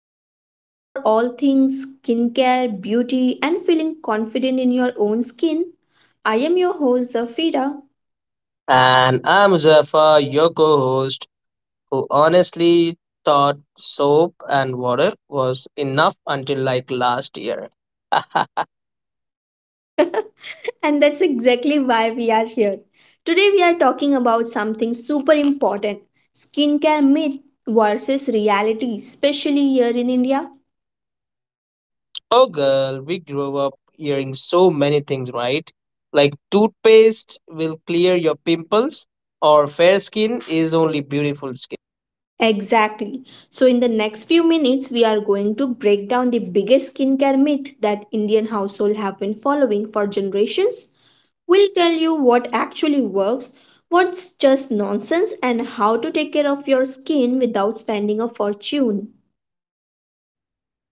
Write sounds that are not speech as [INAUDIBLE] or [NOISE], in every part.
to podcast for all things skincare, beauty, and feeling confident in your own skin. I am your host, Zafira. And I'm Muzaffar, your co host, who honestly thought soap and water was enough until like last year. [LAUGHS] [LAUGHS] And that's exactly why we are here. Today, we are talking about something super important: skincare myth versus reality, especially here in India. Oh, girl, we grew up hearing so many things, right? Like toothpaste will clear your pimples, or fair skin is only beautiful skin. Exactly. So, in the next few minutes, we are going to break down the biggest skincare myth that Indian households have been following for generations. We'll tell you what actually works, what's just nonsense, and how to take care of your skin without spending a fortune.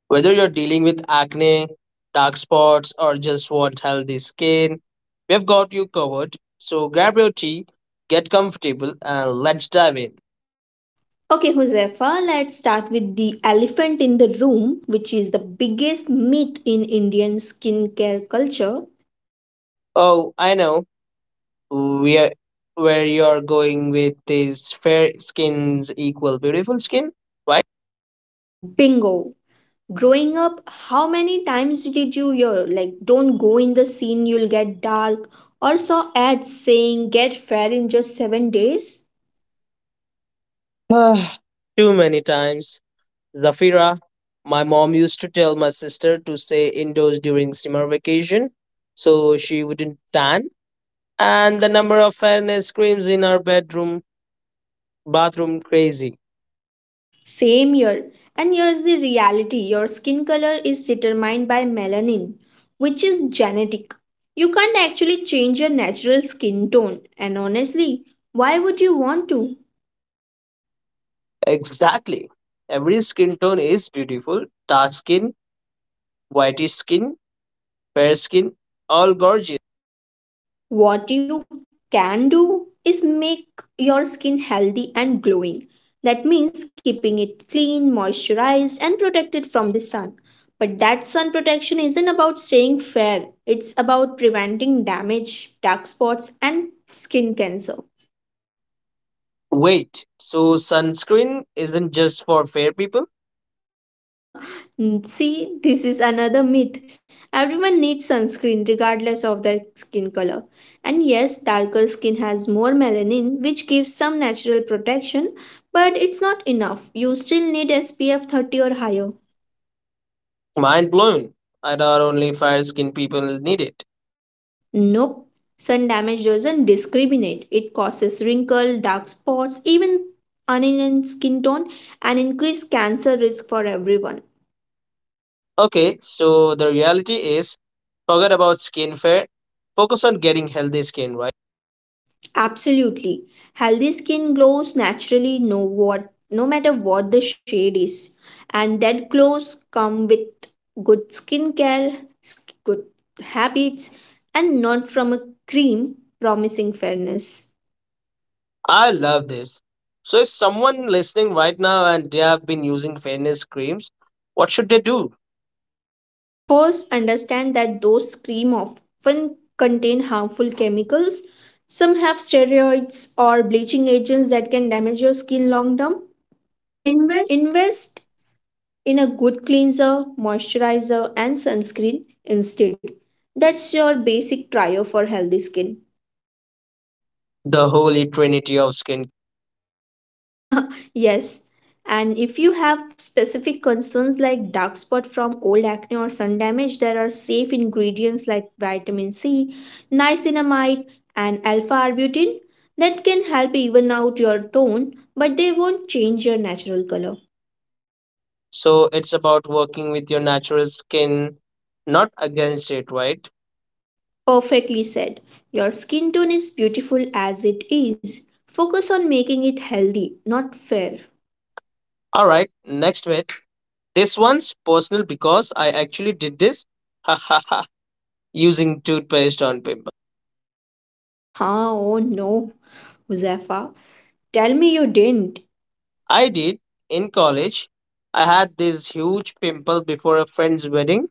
Whether you're dealing with acne, dark spots, or just want healthy skin, we've got you covered. So grab your tea, get comfortable, and let's dive in. Okay, Josefa, let's start with the elephant in the room, which is the biggest myth in Indian skincare culture. Oh, I know where where you're going with this. Fair skins equal beautiful skin, right? Bingo! Growing up, how many times did you hear like, don't go in the scene, you'll get dark, or saw ads saying get fair in just 7 days? [SIGHS] Ah, Too many times. Zafira, my mom used to tell my sister to stay indoors during summer vacation so she wouldn't tan. And the number of fairness creams in our bedroom, bathroom, crazy. Same here. And here's the reality: your skin color is determined by melanin, which is genetic. You can't actually change your natural skin tone, and honestly, why would you want to? Exactly. Every skin tone is beautiful. Dark skin, whitish skin, fair skin, all gorgeous. What you can do is make your skin healthy and glowing. That means keeping it clean, moisturized, and protected from the sun. But that sun protection isn't about staying fair, it's about preventing damage, dark spots, and skin cancer. Wait, so sunscreen isn't just for fair people? [LAUGHS] See, this is another myth. Everyone needs sunscreen regardless of their skin color. And yes, darker skin has more melanin, which gives some natural protection, but it's not enough. You still need SPF 30 or higher. Mind blown. I thought only fair skin people need it. Nope. Sun damage doesn't discriminate. It causes wrinkle, dark spots, even uneven skin tone, and increased cancer risk for everyone. Okay, so the reality is forget about skincare, focus on getting healthy skin, right? Absolutely. Healthy skin glows naturally no matter what the shade is. And that glows come with good skincare, good habits, and not from a cream promising fairness. I love this. So, if someone listening right now and they have been using fairness creams, what should they do? First, understand that those cream often contain harmful chemicals. Some have steroids or bleaching agents that can damage your skin long term. Invest. Invest in a good cleanser, moisturizer, and sunscreen instead. That's your basic trio for healthy skin. The holy trinity of skin. [LAUGHS] Yes. And if you have specific concerns like dark spot from old acne or sun damage, there are safe ingredients like vitamin C, niacinamide, and alpha arbutin that can help even out your tone, but they won't change your natural color. So, it's about working with your natural skin, not against it, right? Perfectly said. Your skin tone is beautiful as it is. Focus on making it healthy, not fair. All right, next bit. This one's personal because I actually did this. [LAUGHS] Using toothpaste on pimple. Huh, oh no, Huzaifa. Tell me you didn't. I did, in college. I had this huge pimple before a friend's wedding,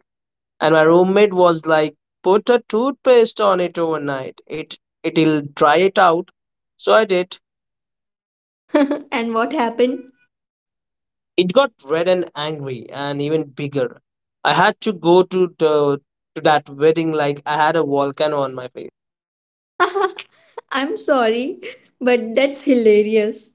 and my roommate was like, put a toothpaste on it overnight. It'll dry it out. So I did. [LAUGHS] And what happened? It got red and angry and even bigger. I had to go to that wedding like I had a volcano on my face. [LAUGHS] I'm sorry, but that's hilarious.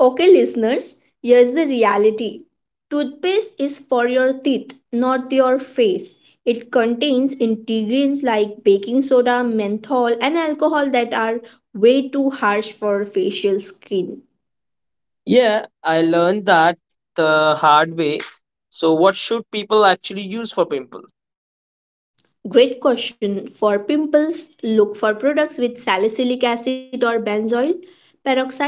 Okay, listeners, here's the reality: toothpaste is for your teeth, not your face. It contains ingredients like baking soda, menthol, and alcohol that are way too harsh for facial skin. Yeah, I learned that the hard way. So, what should people actually use for pimple? Great question. For pimples, look for products with salicylic acid or benzoyl peroxide.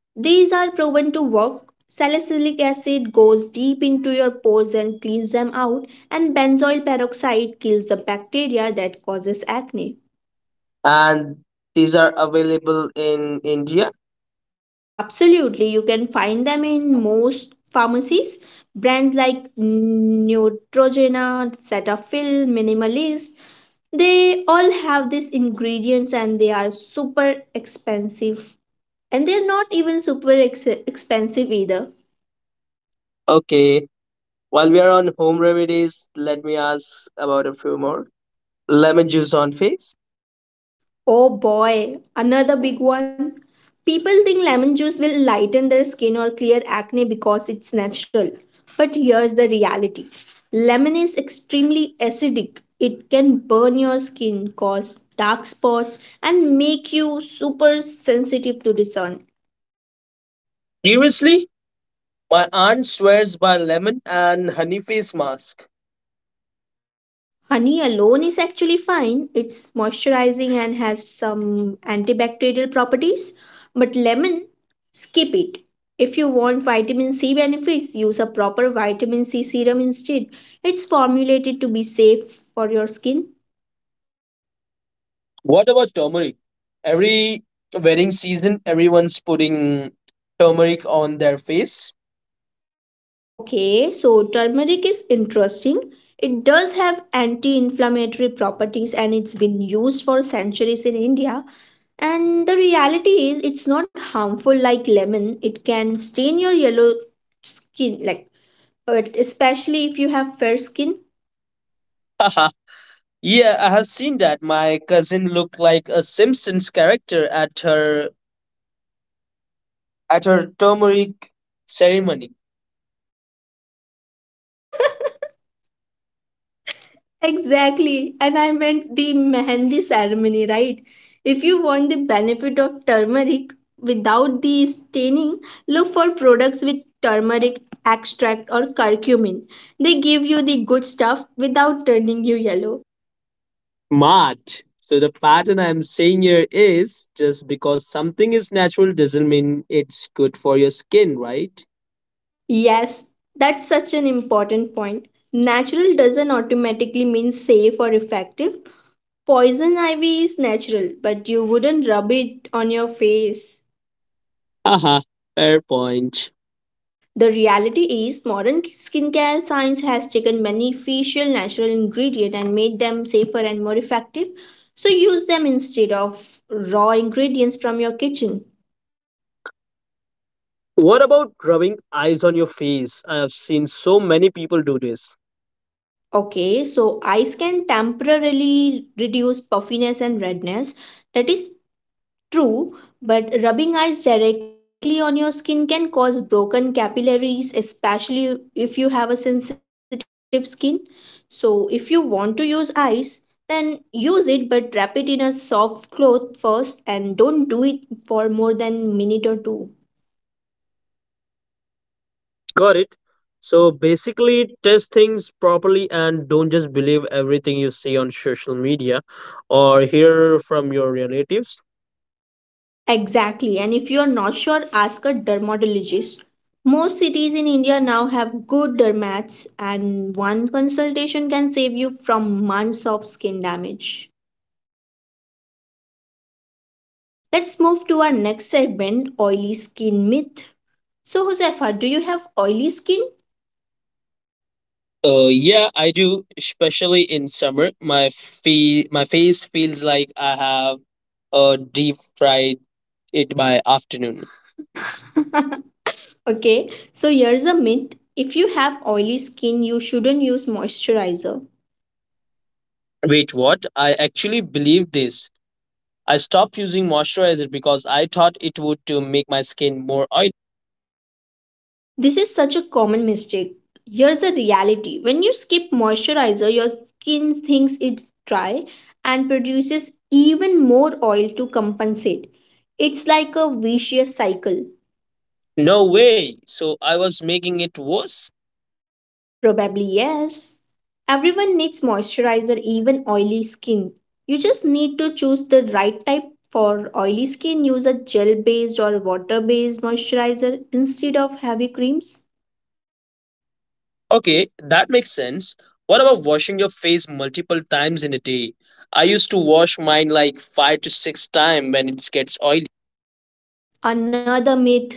These are proven to work. Salicylic acid goes deep into your pores and cleans them out, and benzoyl peroxide kills the bacteria that causes acne. And these are available in India. Absolutely, you can find them in most pharmacies. Brands like Neutrogena, Cetaphil, Minimalist, they all have these ingredients, and they are super expensive. And they're not even super expensive either. Okay, while we are on home remedies, let me ask about a few more. Lemon juice on face. Oh boy, another big one. People think lemon juice will lighten their skin or clear acne because it's natural. But here's the reality: lemon is extremely acidic. It can burn your skin, cause dark spots, and make you super sensitive to the sun. Seriously? My aunt swears by lemon and honey face mask. Honey alone is actually fine. It's moisturizing and has some antibacterial properties. But lemon, skip it. If you want vitamin C benefits, use a proper vitamin C serum instead. It's formulated to be safe for your skin. What about turmeric? Every wedding season, everyone's putting turmeric on their face. Okay, so turmeric is interesting. It does have anti inflammatory properties and it's been used for centuries in India. And the reality is, it's not harmful like lemon. It can stain your yellow skin, like especially if you have fair skin. [LAUGHS] Yeah, I have seen that. My cousin looked like a Simpsons character at her turmeric ceremony. [LAUGHS] Exactly. And I meant the mehendi ceremony, right? If you want the benefit of turmeric without the staining, look for products with turmeric extract or curcumin. They give you the good stuff without turning you yellow. Smart. So the pattern I'm saying here is just because something is natural doesn't mean it's good for your skin, right? Yes, that's such an important point. Natural doesn't automatically mean safe or effective. Poison ivy is natural, but you wouldn't rub it on your face. Haha, fair point. The reality is, modern skincare science has taken many facial natural ingredients and made them safer and more effective. So use them instead of raw ingredients from your kitchen. What about rubbing eyes on your face? I have seen so many people do this. Okay, so ice can temporarily reduce puffiness and redness. That is true, but rubbing ice directly on your skin can cause broken capillaries, especially if you have a sensitive skin. So, if you want to use ice, then use it, but wrap it in a soft cloth first and don't do it for more than minute or two. Got it. So basically, test things properly and don't just believe everything you see on social media or hear from your relatives. Exactly, and if you are not sure, ask a dermatologist. Most cities in India now have good dermats, and one consultation can save you from months of skin damage. Let's move to our next segment: oily skin myth. So, Josefa, do you have oily skin? Yeah, I do, especially in summer. My face feels like I have uh, deep fried it by afternoon. Yep. [LAUGHS] Okay, so here's a myth: if you have oily skin, you shouldn't use moisturizer. Wait, what? I actually believe this. I stopped using moisturizer because I thought it would to make my skin more oily. This is such a common mistake. Here's a reality: when you skip moisturizer, your skin thinks it's dry and produces even more oil to compensate. It's like a vicious cycle. No way. So I was making it worse. Probably yes. Everyone needs moisturizer, even oily skin. You just need to choose the right type. For oily skin, use a gel based or water based moisturizer instead of heavy creams. Okay, that makes sense. What about washing your face multiple times in a day? I used to wash mine like five to six times when it gets oily. Another myth: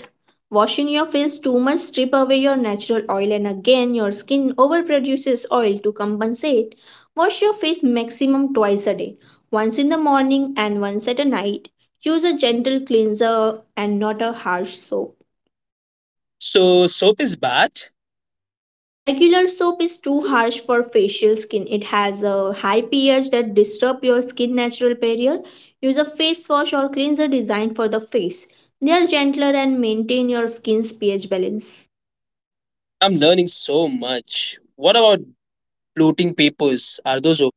washing your face too much strip away your natural oil, and again your skin overproduces oil to compensate. Wash your face maximum twice a day, once in the morning and once at night. Use a gentle cleanser and not a harsh soap. So soap is bad. Regular soap is too harsh for facial skin. It has a high pH that disturb your skin natural barrier. Use a face wash or cleanser designed for the face. They are gentler and maintain your skin's pH balance. I'm learning so much. What about bloating papers? Are those?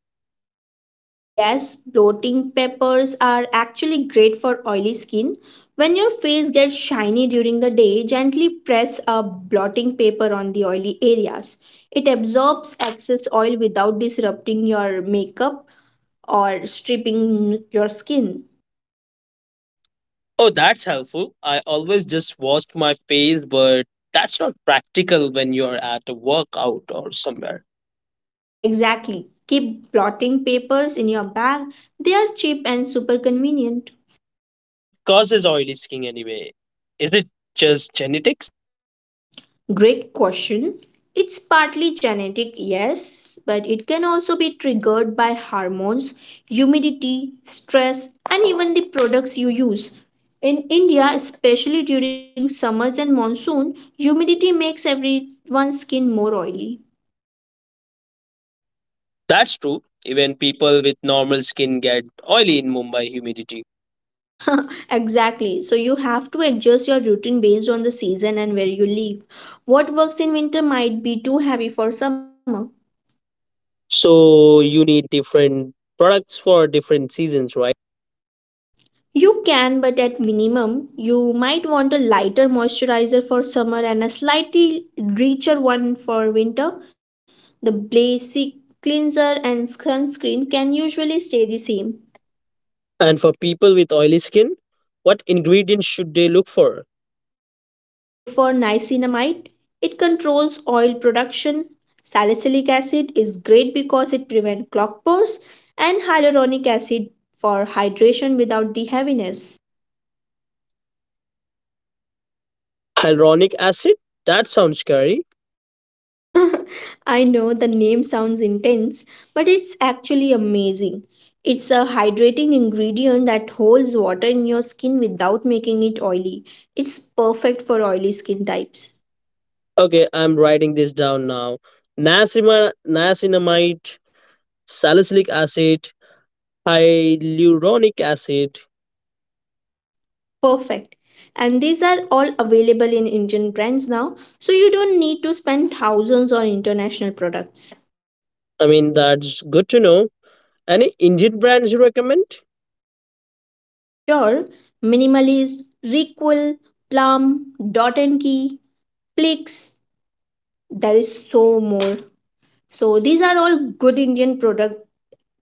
Yes, bloating peppers are actually great for oily skin. When your face gets shiny during the day, gently press a blotting paper on the oily areas. It absorbs excess oil without disrupting your makeup or stripping your skin. Oh, that's helpful. I always just washed my face, but that's not practical when you're at a workout or somewhere. Exactly. Keep blotting papers in your bag. They are cheap and super convenient. What causes oily skin anyway? Is it just genetics? Great question. It's partly genetic, yes, but it can also be triggered by hormones, humidity, stress, and even the products you use. In India, especially during summers and monsoon, humidity makes everyone's skin more oily. That's true. Even people with normal skin get oily in Mumbai humidity. [LAUGHS] Exactly. So you have to adjust your routine based on the season and where you live. What works in winter might be too heavy for summer. So you need different products for different seasons, right? You can, but at minimum, you might want a lighter moisturizer for summer and a slightly richer one for winter. The basic cleanser and sunscreen can usually stay the same. And for people with oily skin, what ingredients should they look for? Look for niacinamide. It controls oil production. Salicylic acid is great because it prevents clogged pores, and hyaluronic acid for hydration without the heaviness. Hyaluronic acid? That sounds scary. [LAUGHS] I know the name sounds intense, but it's actually amazing. It's a hydrating ingredient that holds water in your skin without making it oily. It's perfect for oily skin types. Okay, I'm writing this down now. Niacinamide, salicylic acid, hyaluronic acid. Perfect. And these are all available in Indian brands now, so you don't need to spend thousands on international products. I mean, that's good to know. Any Indian brands you recommend? Sure, Minimalist, Requil, Plum, Dot and Key, Plix, there is so more. So these are all good Indian product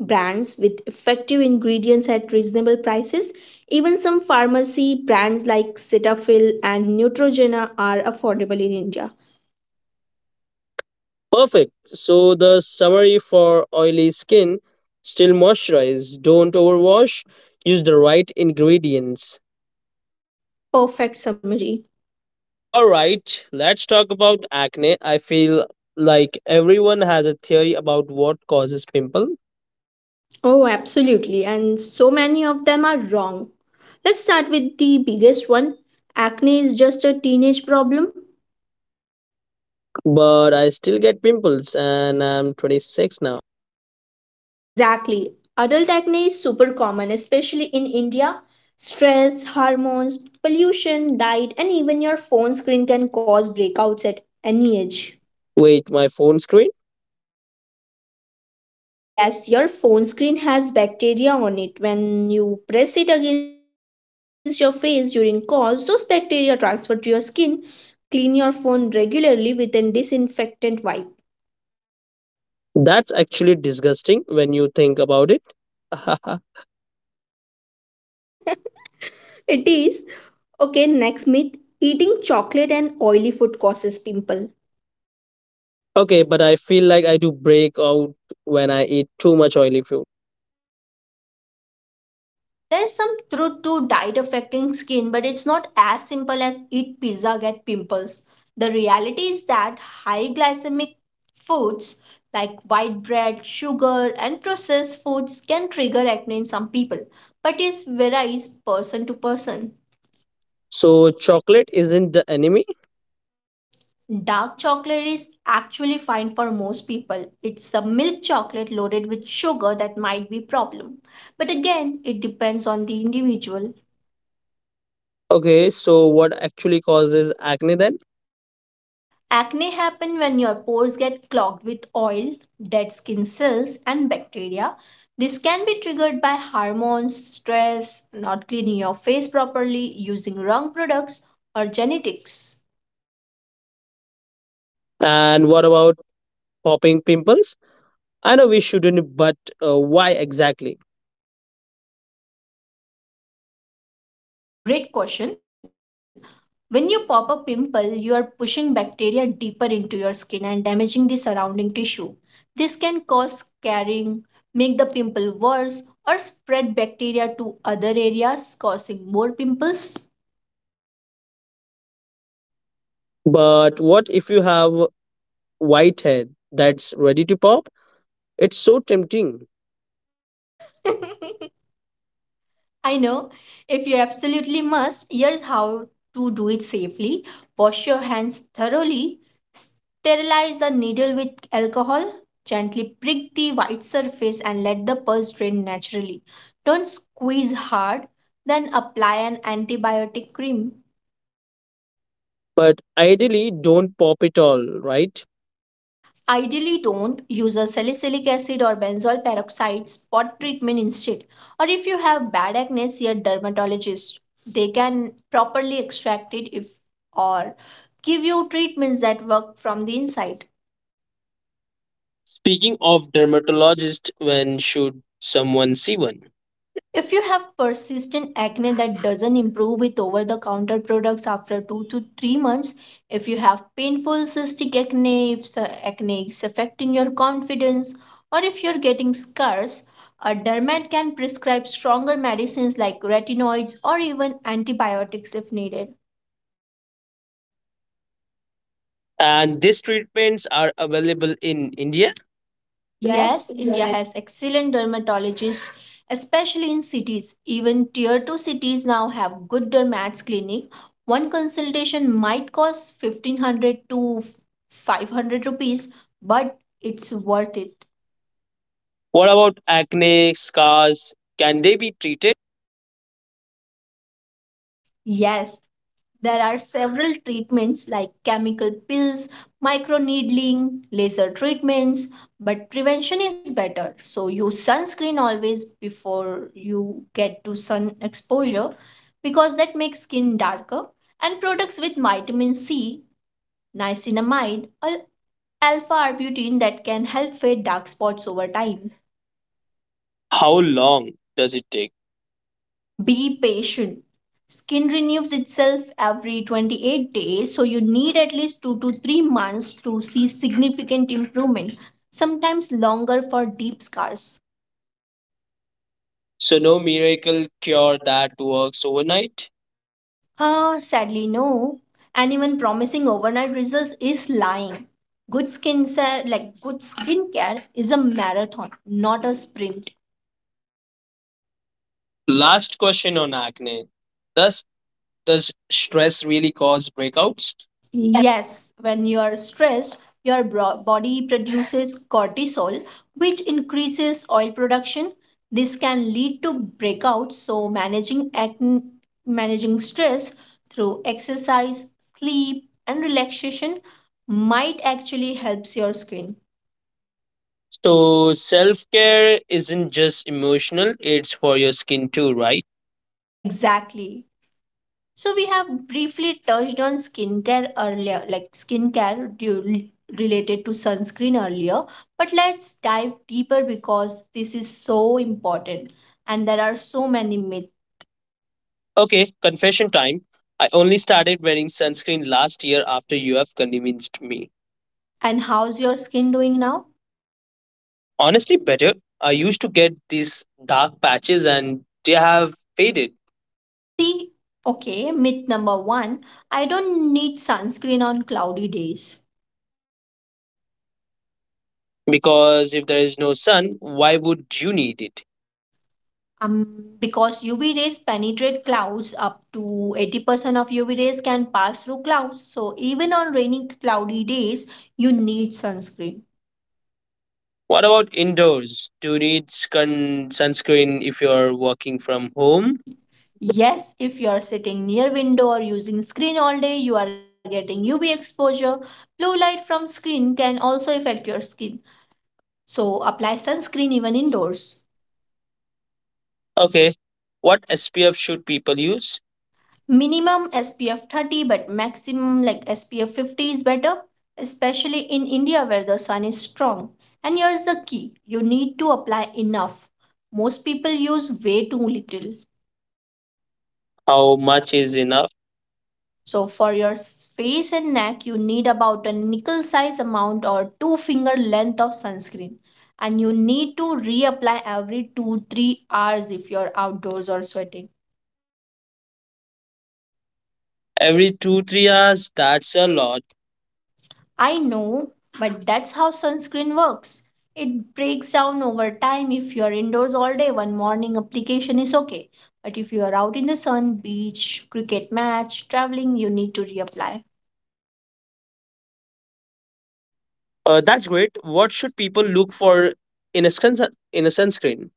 brands with effective ingredients at reasonable prices. Even some pharmacy brands like Cetaphil and Neutrogena are affordable in India. Perfect. So the summary for oily skin, still moisturize, don't overwash, use the right ingredients. Perfect summary. All right, let's talk about acne. I feel like everyone has a theory about what causes pimple, Oh, absolutely. And so many of them are wrong. Let's start with the biggest one. Acne is just a teenage problem. but I still get pimples, and I'm 26 now. Exactly. Adult acne is super common, especially in India. Stress, hormones, pollution, diet, and even your phone screen can cause breakouts at any age. Wait, my phone screen? Yes, your phone screen has bacteria on it. When you press it against your face during calls, those bacteria transfer to your skin. Clean your phone regularly with a disinfectant wipe. That's actually disgusting when you think about it. [LAUGHS] [LAUGHS] It is. Okay, next myth: eating chocolate and oily food causes pimple. Okay, but I feel like I do break out when I eat too much oily food. There's some truth to diet affecting skin, but it's not as simple as eat pizza, get pimples. The reality is that high glycemic foods like white bread, sugar, and processed foods can trigger acne in some people, but it varies person to person. So chocolate isn't the enemy. Dark chocolate is actually fine for most people. It's the milk chocolate loaded with sugar that might be problem. But again, it depends on the individual. Okay, so what actually causes acne then? Acne happen when your pores get clogged with oil, dead skin cells, and bacteria. This can be triggered by hormones, stress, not cleaning your face properly, using wrong products, or genetics. And what about popping pimples? I know we shouldn't, but why exactly? Great question. When you pop a pimple, you are pushing bacteria deeper into your skin and damaging the surrounding tissue. This can cause scarring, make the pimple worse, or spread bacteria to other areas, causing more pimples. But what if you have white head that's ready to pop? It's so tempting, [LAUGHS] I know. If you absolutely must, here's how to do it safely. Wash your hands thoroughly. Sterilize a needle with alcohol. Gently prick the white surface and let the pus drain naturally. Don't squeeze hard. Then apply an antibiotic cream. but ideally don't pop it all, right? Ideally, don't use a salicylic acid or benzoyl peroxide spot treatment instead, or if you have bad acne, see a dermatologist. They can properly extract it if or give you treatments that work from the inside. Speaking of dermatologist, when should someone see one? If you have persistent acne that doesn't improve with over the counter products after 2 to 3 months, if you have painful cystic acne, if the acne is affecting your confidence, or if you're getting scars, a dermat can prescribe stronger medicines like retinoids or even antibiotics if needed. And these treatments are available in India? Yes. Yes, India has excellent dermatologists, especially in cities. Even tier 2 cities now have good dermats clinic. One consultation might cost 1500 to 500 rupees, but it's worth it. What about acne, scars? Can they be treated? Yes, there are several treatments like chemical pills, microneedling, laser treatments, but prevention is better. So use sunscreen always before you get to sun exposure, because that makes skin darker. And products with vitamin C, niacinamide, or alpha arbutin that can help fade dark spots over time. How long does it take? Be patient. Skin renews itself every 28 days, so you need at least 2 to 3 months to see significant improvement, sometimes longer for deep scars. So, no miracle cure that works overnight. Sadly, no. Anyone promising overnight results is lying. Good skin care, like good skincare, is a marathon, not a sprint. Last question on acne. Does does stress really cause breakouts? Yes, when you are stressed, your body produces cortisol, which increases oil production. This can lead to breakouts, so managing acne, managing stress through exercise, sleep, and relaxation might actually helps your skin. So, self care isn't just emotional, it's for your skin too, right? Exactly. So we have briefly touched on skincare earlier, like skincare related to sunscreen earlier, but let's dive deeper because this is so important and there are so many myths. Okay, confession time. I only started wearing sunscreen last year after you have convinced me. And how's your skin doing now? Honestly, better. I used to get these dark patches, and they have faded. See, okay, myth number 1, I don't need sunscreen on cloudy days. Because if there is no sun, why would you need it? Um, because UV rays penetrate clouds, up to 80% of UV rays can pass through clouds. So, even on rainy, cloudy days, you need sunscreen. What about indoors? Do you need sunscreen if you're working from Oh. home? Yes, if you are sitting near window or using screen all day, you are getting UV exposure. Blue light from screen can also affect your skin. So, apply sunscreen even indoors. Okay. What SPF should people use? Minimum SPF 30, but maximum like SPF 50 is better, especially in India where the sun is strong. And here's the key: you need to apply enough. Most people use way too little. How much is enough? So, for your face and neck, you need about a nickel size amount or two finger length of sunscreen. And you need to reapply every 2 to 3 hours if you're outdoors or sweating. Every 2, 3 hours, that's a lot. I know, but that's how sunscreen works. It breaks down over time. If you're indoors all day, one morning application is okay. But if you are out in the sun, beach, cricket match, traveling, you need to reapply. That's great. What should people look for in a sunscreen?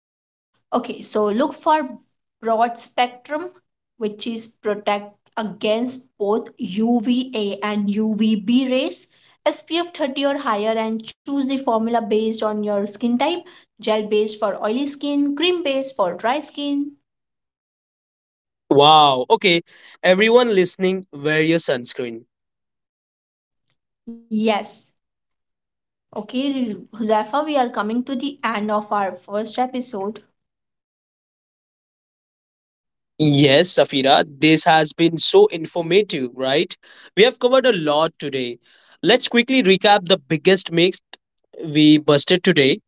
Okay. Okay. So look for broad spectrum, which is protect against both UVA and UVB rays. SPF 30 or higher, and choose the formula based on your skin type. Gel based for oily skin, cream based for dry skin. Wow. Okay. Everyone listening, wear your sunscreen. Yes. Okay, Huzafa, we are coming to the end of our first episode. Yes, Safira, this has been so informative, right? We have covered a lot today. Let's quickly recap the biggest myth we busted today.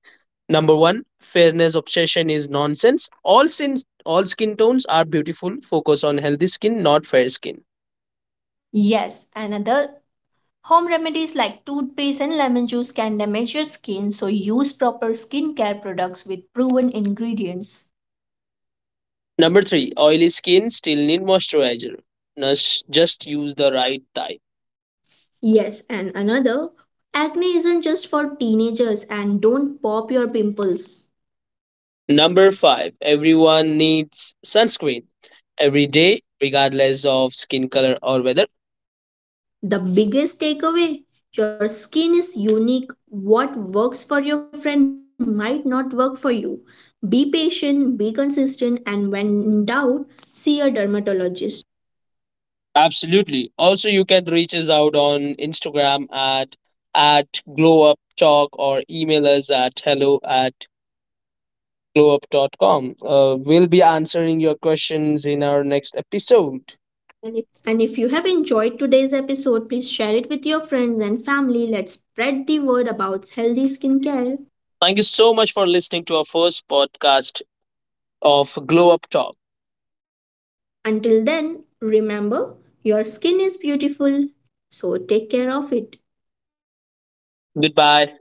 Number one, fairness obsession is nonsense. All sins, all skin tones are beautiful. Focus on healthy skin, not fair skin. Yes, another. Home remedies like toothpaste and lemon juice can damage your skin, so use proper skincare products with proven ingredients. Number three, oily skin still need moisturizer. Just use the right type. Yes, and another, acne isn't just for teenagers, and don't pop your pimples. Number five, everyone needs sunscreen every day, regardless of skin color or weather. The biggest takeaway: your skin is unique. What works for your friend might not work for you. Be patient, be consistent, and when in doubt, see a dermatologist. Absolutely. Also, you can reach us out on Instagram at glow up talk, or email us at hello@glowup.com. We'll be answering your questions in our next episode. Thank And if you have enjoyed today's episode, please share it with your friends and family. Let's spread the word about healthy skincare. you so much for listening to our first podcast of Glow Up Talk. Until then, remember, your skin is beautiful, so take care of it. Goodbye.